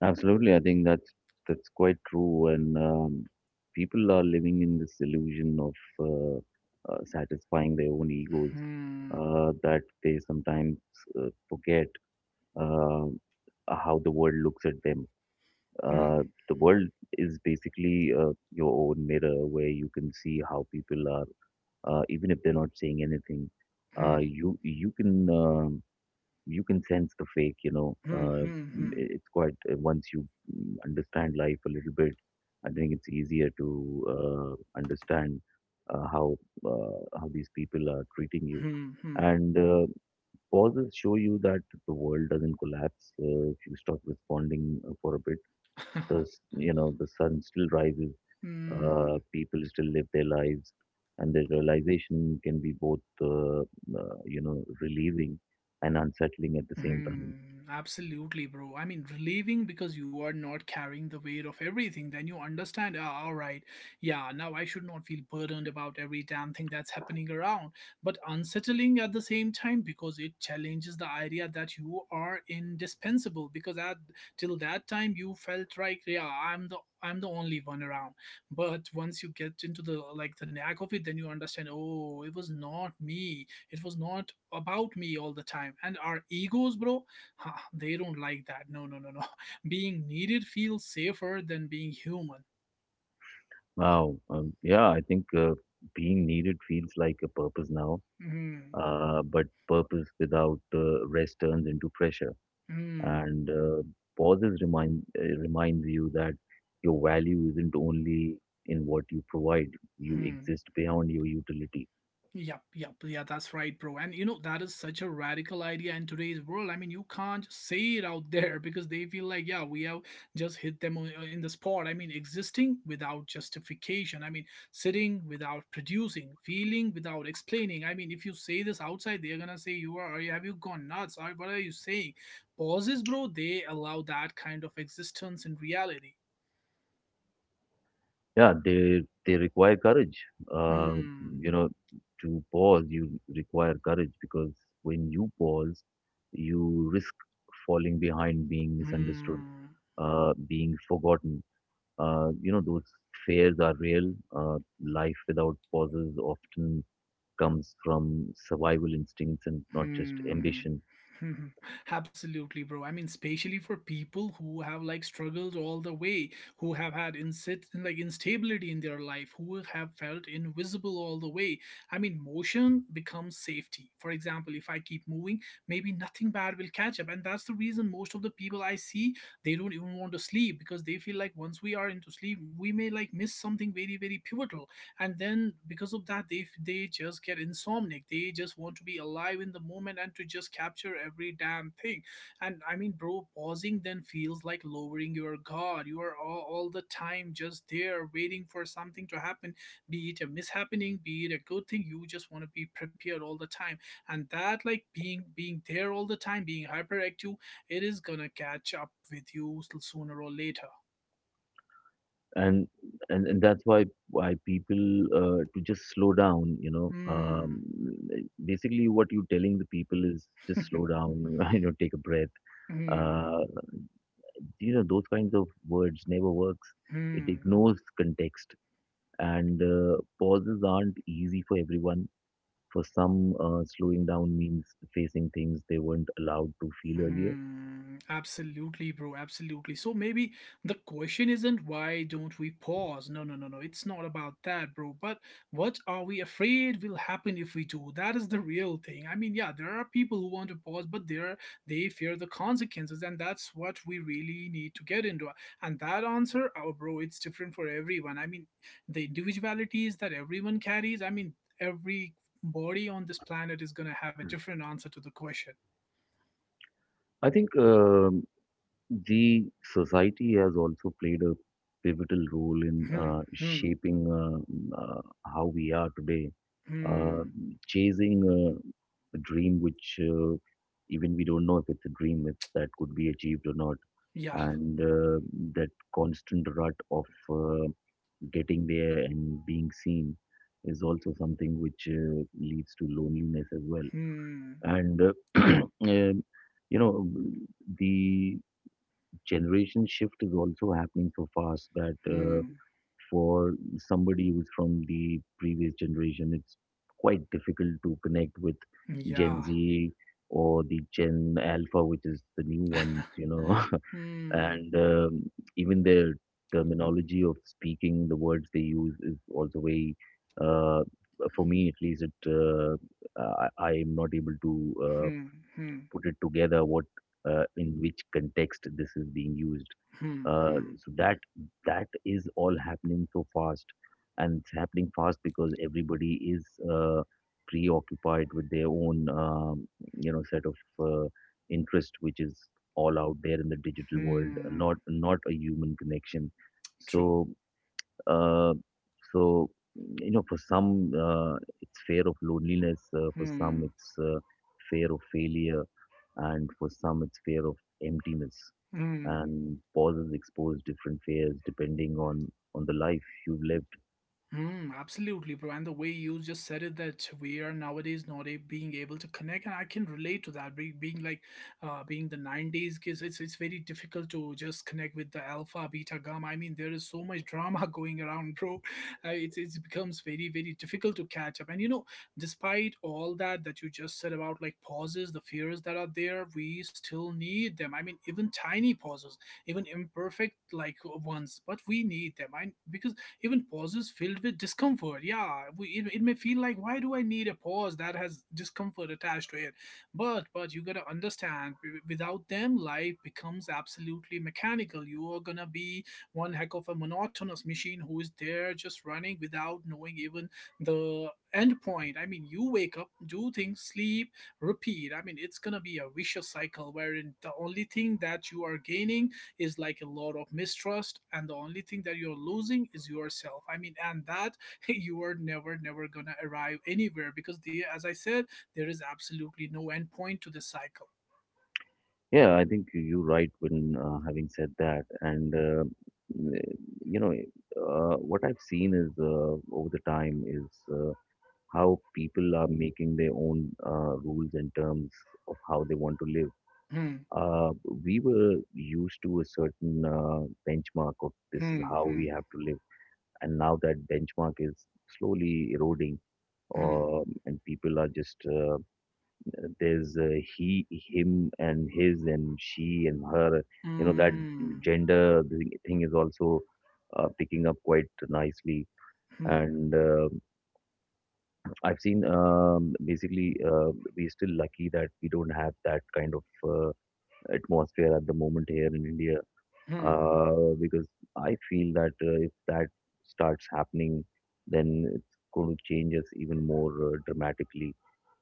Absolutely. I think that's quite true. And people are living in this illusion of uh, satisfying their own egos, Hmm. That they sometimes forget uh, how the world looks at them. Hmm. uh, the world is basically your own mirror, where you can see how people are, even if they're not saying anything. uh, Hmm. you you can you can sense the fake, you know. Hmm. Hmm. Hmm. It's quite once you understand life a little bit, I think it's easier to understand uh, how how these people are treating you. Hmm. Hmm. And pauses show you that the world doesn't collapse if you stop responding for a bit. You know, the sun still rises, Hmm. people still live their lives, and the realization can be both you know, relieving and unsettling at the same time. Hmm, absolutely, bro. I mean, relieving because you are not carrying the weight of everything. Then you understand, ah, all right, yeah, now I should not feel burdened about every damn thing that's happening around. But unsettling at the same time, because it challenges the idea that you are indispensable. Because at till that time you felt like, yeah, I'm the only one around. But once you get into the like the knack of it, then you understand, oh, it was not me, it was not about me all the time. And our egos, bro, huh, they don't like that. No, no, no, no. Being needed feels safer than being human. Wow. Yeah, I think being needed feels like a purpose now, Hmm. But purpose without rest turns into pressure, Hmm. and pauses reminds you that your value isn't only in what you provide, you Hmm. exist beyond your utility. Yep, yep, yeah, that's right, bro. And you know, that is such a radical idea in today's world. I mean, you can't just say it out there because they feel like, yeah, we have just hit them in the spot. I mean, existing without justification. I mean, sitting without producing, feeling without explaining. I mean, if you say this outside, they're gonna say, "You are, have you gone nuts? Or what are you saying?" Pauses, bro, they allow that kind of existence in reality. Yeah, they require courage. Uh, Hmm, you know, to pause, you require courage, because when you pause, you risk falling behind, being misunderstood, hmm. Being forgotten. You know, those fears are real. Life without pauses often comes from survival instincts and not just Hmm. ambition. Absolutely, bro. I mean, especially for people who have like struggled all the way, who have had insit like instability in their life, who have felt invisible all the way. I mean, motion becomes safety. For example, if I keep moving, maybe nothing bad will catch up. And that's the reason most of the people I see, they don't even want to sleep, because they feel like once we are into sleep, we may like miss something very, very pivotal. And then because of that, they just get insomniac. They just want to be alive in the moment and to just capture every damn thing. And I mean, bro, pausing then feels like lowering your guard. You are all the time just there waiting for something to happen, be it a mishappening, be it a good thing. You just want to be prepared all the time. And that like being there all the time, being hyperactive, it is gonna catch up with you sooner or later. and and that's why people, to just slow down, you know, Hmm. basically what you're telling the people is just slow down, you know, take a breath, Hmm. uh, you know those kinds of words never works, it Hmm. ignores context, and pauses aren't easy for everyone. For some, slowing down means facing things they weren't allowed to feel earlier. Hmm, absolutely, bro. Absolutely. So maybe the question isn't why don't we pause? No, no, no, no. It's not about that, bro. But what are we afraid will happen if we do? That is the real thing. I mean, yeah, there are people who want to pause, but they fear the consequences, and that's what we really need to get into. And that answer, oh, bro, it's different for everyone. I mean, the individualities that everyone carries. I mean, every body on this planet is gonna have a different answer to the question. I think, the society has also played a pivotal role in Hmm, hmm. shaping, how we are today. Uh, Hmm. Chasing a dream which even we don't know if it's a dream, if that could be achieved or not. Yeah. And that constant rut of uh, getting there and being seen is also something which leads to loneliness as well. Hmm. And um, you know, the generation shift is also happening so fast that Hmm. for somebody who's from the previous generation, it's quite difficult to connect with Gen Yeah. Z or the Gen Alpha, which is the new ones, hmm. and even their terminology of speaking, the words they use is also very. Uh, for me, at least, it I am not able to Hmm. Hmm. put it together. What In which context this is being used, Hmm. Hmm. so that that is all happening so fast, and it's happening fast because everybody is uh, preoccupied with their own set of interest which is all out there in the digital world, Hmm. not a human connection. True. So uh, so you know for some, it's fear of loneliness, for some Hmm. it's fear of failure, and for some it's fear of emptiness. Hmm. And pauses expose different fears depending on the life you've lived. Mm, absolutely, bro. And the way you just said it, that we are nowadays not a, being able to connect, and I can relate to that. Being like, being the '90s kids, it's very difficult to just connect with the alpha, beta, gamma. I mean, there is so much drama going around, bro. It's it becomes very very difficult to catch up. And you know, despite all that you just said about like pauses, the fears that are there, we still need them. I mean, even tiny pauses, even imperfect like ones, but we need them. I because even pauses filled with discomfort, yeah, it may feel like why do I need a pause that has discomfort attached to it. But you gotta understand, without them life becomes absolutely mechanical. You are gonna be one heck of a monotonous machine who is there just running without knowing even the end point. I mean, you wake up, do things, sleep, repeat. I mean, it's gonna be a vicious cycle wherein the only thing that you are gaining is like a lot of mistrust and the only thing that you're losing is yourself. I mean, and that you are never gonna arrive anywhere because the as I said, there is absolutely no end point to the cycle. Yeah, I think you're right. when Having said that, and you know what I've seen is, over the time, is how people are making their own rules and terms of how they want to live. hmm uh, we were used to a certain benchmark of this is hmm how hmm we have to live, and now that benchmark is slowly eroding. hmm And people are just there's he, him and his, and she and her, you know. That hmm gender thing is also picking up quite nicely. hmm And I've seen, basically, we're still lucky that we don't have that kind of uh, atmosphere at the moment here in India. hmm, Because I feel that if that starts happening, then it's going to change us even more dramatically.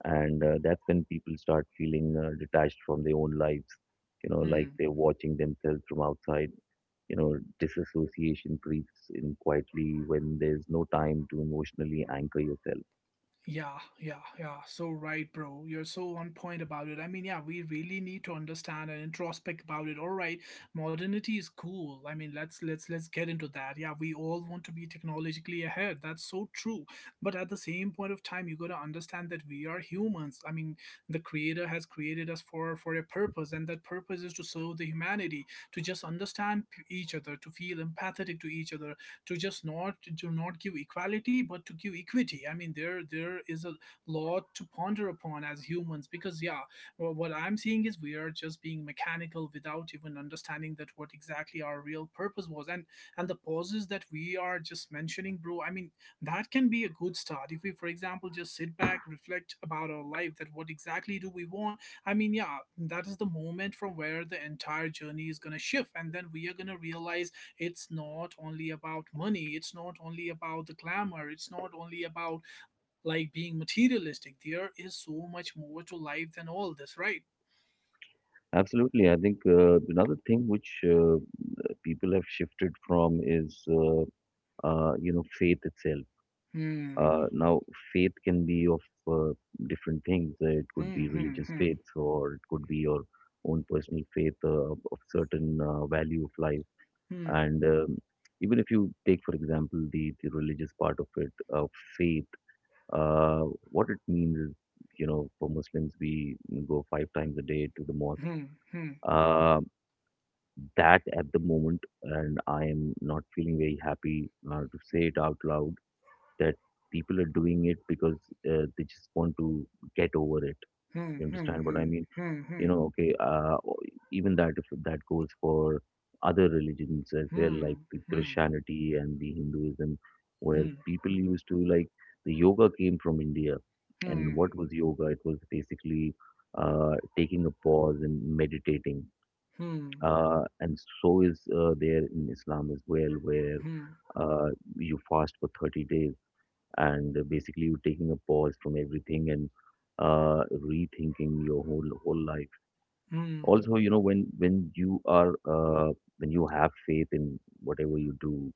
And that's when people start feeling detached from their own lives, you know, like hmm. they're watching themselves from outside. You know, disassociation creeps in quietly when there's no time to emotionally anchor yourself. Yeah, yeah, yeah. So right, bro. You're so on point about it. I mean, yeah, we really need to understand and introspect about it. All right, modernity is cool. I mean, let's get into that. Yeah, we all want to be technologically ahead. That's so true. But at the same point of time, you got to understand that we are humans. I mean, the creator has created us for a purpose, and that purpose is to serve the humanity, to just understand each other, to feel empathetic to each other, to just not to not give equality but to give equity. I mean, there is a lot to ponder upon as humans because yeah, what I'm seeing is we are just being mechanical without even understanding that what exactly our real purpose was. And the pauses that we are just mentioning, bro, I mean that can be a good start if we, for example, just sit back, reflect about our life, that what exactly do we want. I mean, yeah, that is the moment from where the entire journey is going to shift, and then we are going to realize it's not only about money, it's not only about the glamour, it's not only about like being materialistic. There is so much more to life than all this, right? Absolutely. I think another thing which people have shifted from is faith itself. Hmm, Now, faith can be of uh, different things. It could hmm, be religious hmm, faith, or it could be your own personal faith of certain value of life. hmm, And even if you take, for example, the religious part of it, of faith, uh, what it means is, you know, for Muslims, we go five times a day to the mosque. hmm, hmm, hmm, Uh, that at the moment, and I am not feeling very happy to say it out loud that people are doing it because they just want to get over it. hmm, You hmm, understand what I mean? hmm, You hmm, know, okay, even that, if that goes for other religions as well, like hmm, the hmm, Christianity and the Hinduism, where hmm, people used to like, the yoga came from India. And what was yoga? It was basically taking a pause and meditating. hmm, hmm, hmm, hmm, hmm, hmm, And so is, there in Islam as well, where uh, you fast for 30 days and basically you taking a pause from everything and rethinking your whole life. hmm, Also, you know, when you are, when you have faith in whatever you do,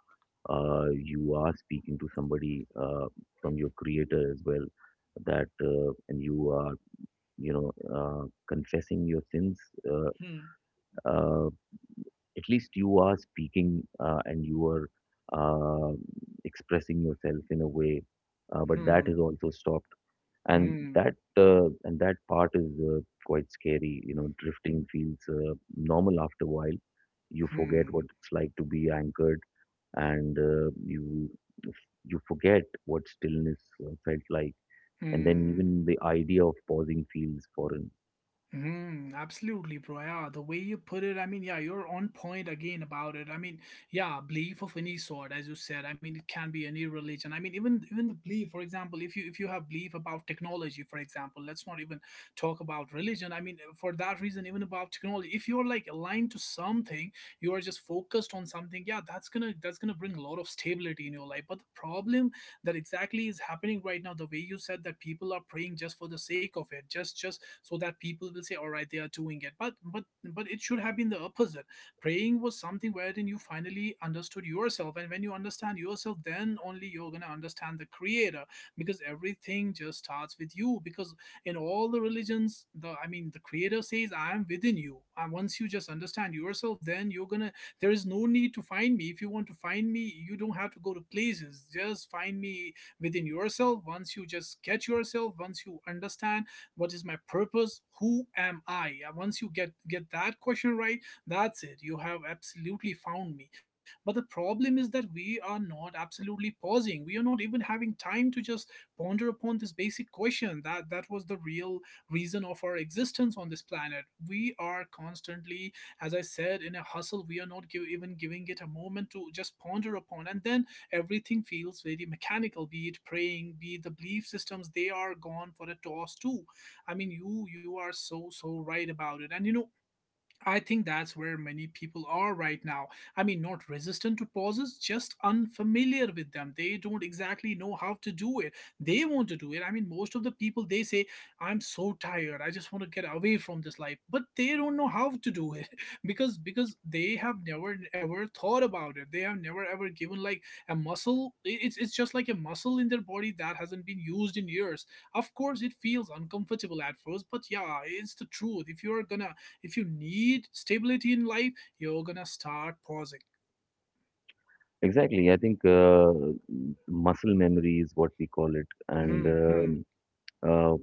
you are speaking to somebody, from your creator as well. That, and you are, confessing your sins. Uh, uh, at least you are speaking, and you are uh, expressing yourself in a way. But that is also stopped, and hmm, that part is quite scary. You know, drifting feels normal after a while. You forget hmm, what it's like to be anchored, and you, forget what stillness felt like. And then hmm. even the idea of pausing feels foreign. Mm, absolutely, bro. Yeah, the way you put it, I mean, yeah, you're on point again about it. I mean, yeah, belief of any sort, as you said. I mean, it can be any religion. I mean, even the belief, for example, if you have belief about technology, for example, let's not even talk about religion. I mean, for that reason, even about technology, if you're like aligned to something, you are just focused on something. Yeah, that's gonna bring a lot of stability in your life. But the problem that exactly is happening right now, the way you said that people are praying just for the sake of it, just so that people will say, all right, they are doing it, but it should have been the opposite. Praying was something wherein you finally understood yourself, and when you understand yourself, then only you're going to understand the creator, because everything just starts with you, because in all the religions, the I mean, the creator says, I am within you, and once you just understand yourself, then you're going to — there is no need to find me. If you want to find me, you don't have to go to places, just find me within yourself. Once you just get yourself, once you understand what is my purpose, who am I? Once you get that question right, that's it, you have absolutely found me. But the problem is that we are not absolutely pausing, we are not even having time to just ponder upon this basic question, that was the real reason of our existence on this planet. We are constantly, as I said, in a hustle. We are not even giving it a moment to just ponder upon, and then everything feels very mechanical, be it praying, be it the belief systems, they are gone for a toss too. I mean, you are so right about it. And you know, I think that's where many people are right now. I mean, not resistant to pauses, just unfamiliar with them. They don't exactly know how to do it. They want to do it. I mean, most of the people they say, "I'm so tired. I just want to get away from this life," but they don't know how to do it because they have never ever thought about it. They have never ever given like a muscle. It's just like a muscle in their body that hasn't been used in years. Of course, it feels uncomfortable at first, but yeah, it's the truth. If you are gonna, if you need stability in life, you're gonna start pausing. Exactly. I think muscle memory is what we call it. And Hmm, hmm, Uh,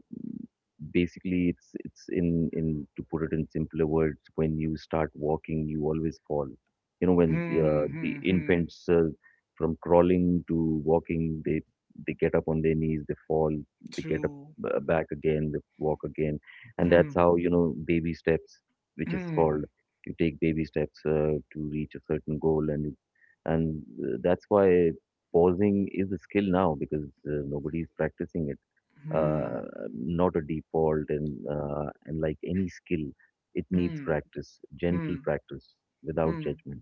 Basically, it's in to put it in simpler words, when you start walking, you always fall. You know, when hmm, the hmm, hmm. infants, from crawling to walking, they, get up on their knees, they fall, they get up True. Back again, they walk again, and that's Hmm, how, you know, baby steps, which is hmm, called. You take baby steps to reach a certain goal, and you and that's why pausing is a skill now, because nobody is practicing it, uh, hmm, not a default. And and like any skill, it needs hmm, practice, hmm, gentle practice, without hmm. judgment.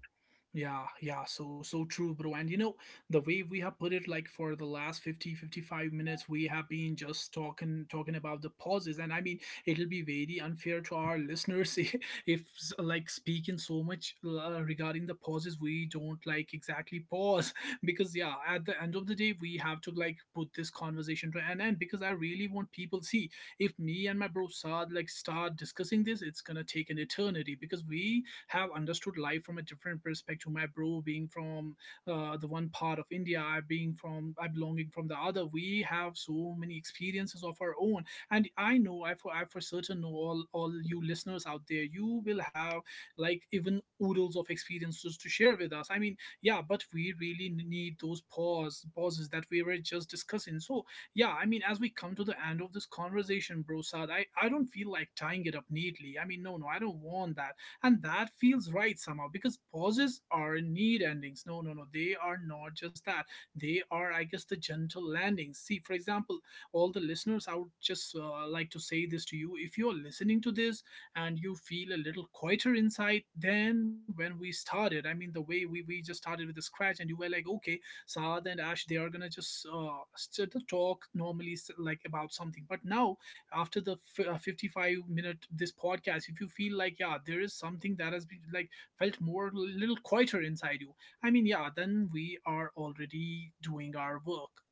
Yeah, yeah, so true, bro. And you know, the way we have put it, like, for the last 50, 55 minutes, we have been just talking about the pauses, and I mean, it'll be very unfair to our listeners if like speaking so much regarding the pauses, we don't like exactly pause because yeah, at the end of the day, we have to like put this conversation to an end because I really want people see — if me and my bro Saad like start discussing this, it's going to take an eternity, because we have understood life from a different perspective. My bro being from the one part of India, I being from, I belonging from the other. We have so many experiences of our own, and I know, I for certain know all you listeners out there, you will have like even oodles of experiences to share with us. I mean, yeah, but we really need those pauses that we were just discussing. So yeah, I mean, as we come to the end of this conversation, bro, Sad, I don't feel like tying it up neatly. I mean, no, no, I don't want that, and that feels right somehow, because pauses are need endings. No, no, no, they are not just that. They are, I guess, the gentle landings. See, for example, all the listeners, I would just like to say this to you. If you're listening to this and you feel a little quieter inside than when we started, I mean, the way we just started with the scratch, and you were like, okay, Saad and Ash, they are gonna just talk normally, like about something, but now, after the 55-minute this podcast, if you feel like, yeah, there is something that has been like felt more little quieter inside you, I mean, yeah, then we are already doing our work.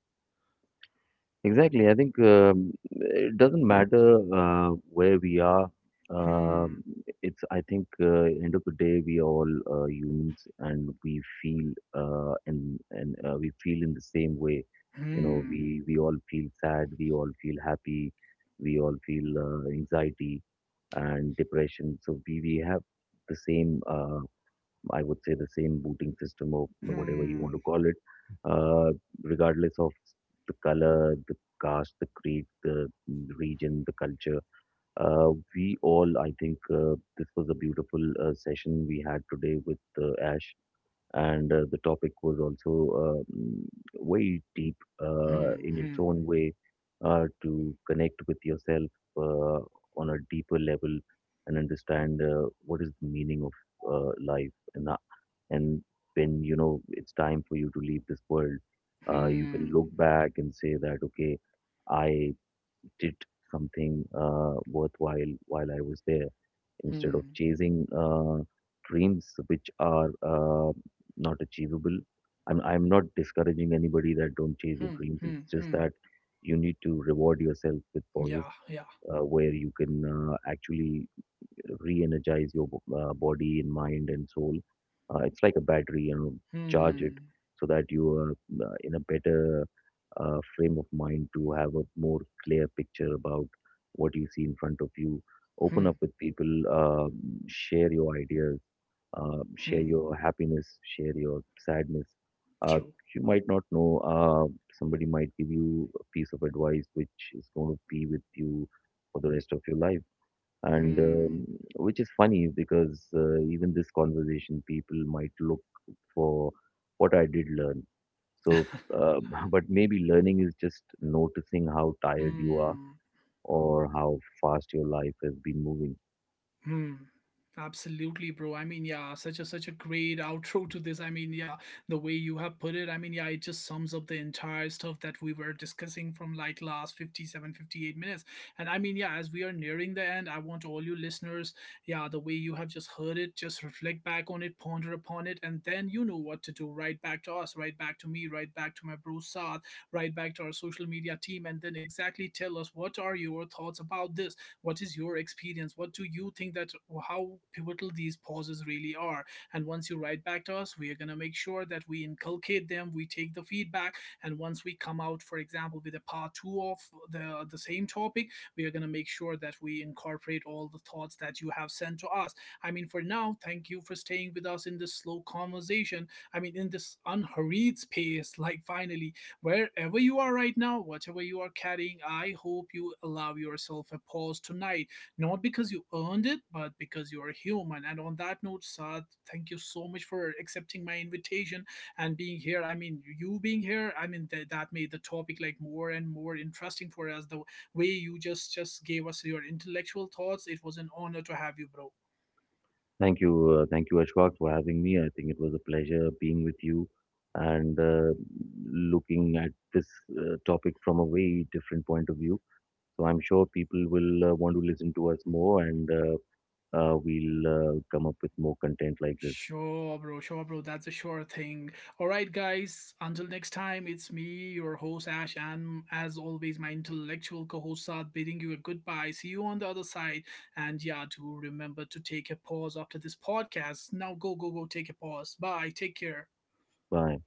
Exactly. I think It doesn't matter where we are. Hmm, Um it's, I think, end of the day, we are all humans, feel uh, and and we feel in the same way. You know, hmm, we, all feel sad. We all feel happy. We all feel anxiety and depression. So we, have the same, I would say, the same booting system, or whatever you want hmm, to call it, uh, regardless of the color, the caste, the creed, the region, the culture. We all, I think, this was a beautiful session we had today with Ash. And the topic was also very deep hmm, in its hmm, own way, to connect with yourself uh, on a deeper level, and understand what is the meaning of life and ho- and when you know it's time for you to leave this world, you can hmm, look back and say that, okay, I did something worthwhile while I was there, instead of hmm, chasing dreams which are not achievable. I'm not discouraging anybody that don't chase your hmm, dreams. It's hmm, just hmm. that you need to reward yourself with pauses, Yeah, yeah. Where you can actually re-energize your body and mind and soul. It's like a battery. You know, charge it Hmm, so that you are in a better frame of mind to have a more clear picture about what you see in front of you. Open hmm, up with people, share your ideas, share hmm. your happiness, share your sadness. Uh, True. you might not know, somebody might give you a piece of advice which is going to be with you for the rest of your life. and Hmm. um, which is funny, because even this conversation, people might look for what I did learn. so uh, but maybe learning is just noticing how tired you are, Hmm. or how fast your life has been moving. Hmm. Absolutely, bro. I mean, yeah, such a great outro to this. I mean, yeah, the way you have put it, I mean, yeah, it just sums up the entire stuff that we were discussing from like last 57, 58 minutes. And I mean, yeah, as we are nearing the end, I want all you listeners, yeah, the way you have just heard it, just reflect back on it, ponder upon it, and then you know what to do. Right back to us, right back to me, right back to my bro Saad, right back to our social media team, and then exactly tell us what are your thoughts about this, what is your experience, what do you think, that how pivotal these pauses really are. And once you write back to us, we are going to make sure that we inculcate them, we take the feedback, and once we come out, for example, with a part 2 of the same topic, we are going to make sure that we incorporate all the thoughts that you have sent to us. I mean, for now, thank you for staying with us in this slow conversation, I mean, in this unhurried space, like, finally. Wherever you are right now, whatever you are carrying, I hope you allow yourself a pause tonight, not because you earned it, but because you are human. And on that note, Saad, thank you so much for accepting my invitation and being here. I mean, you being here, I mean, that made the topic like more and more interesting for us. The way you just gave us your intellectual thoughts, it was an honor to have you, bro. Thank you. Thank you, Ashwak, for having me. I think it was a pleasure being with you, and looking at this topic from a very different point of view. So I'm sure people will want to listen to us more, and we'll come up with more content like this. Sure, bro. Sure, bro. That's a sure thing. All right, guys. Until next time, it's me, your host Ash, and as always, my intellectual co-host Saad, bidding you a goodbye. See you on the other side. And yeah, do remember to take a pause after this podcast. Now, go, go, go. Take a pause. Bye. Take care. Bye.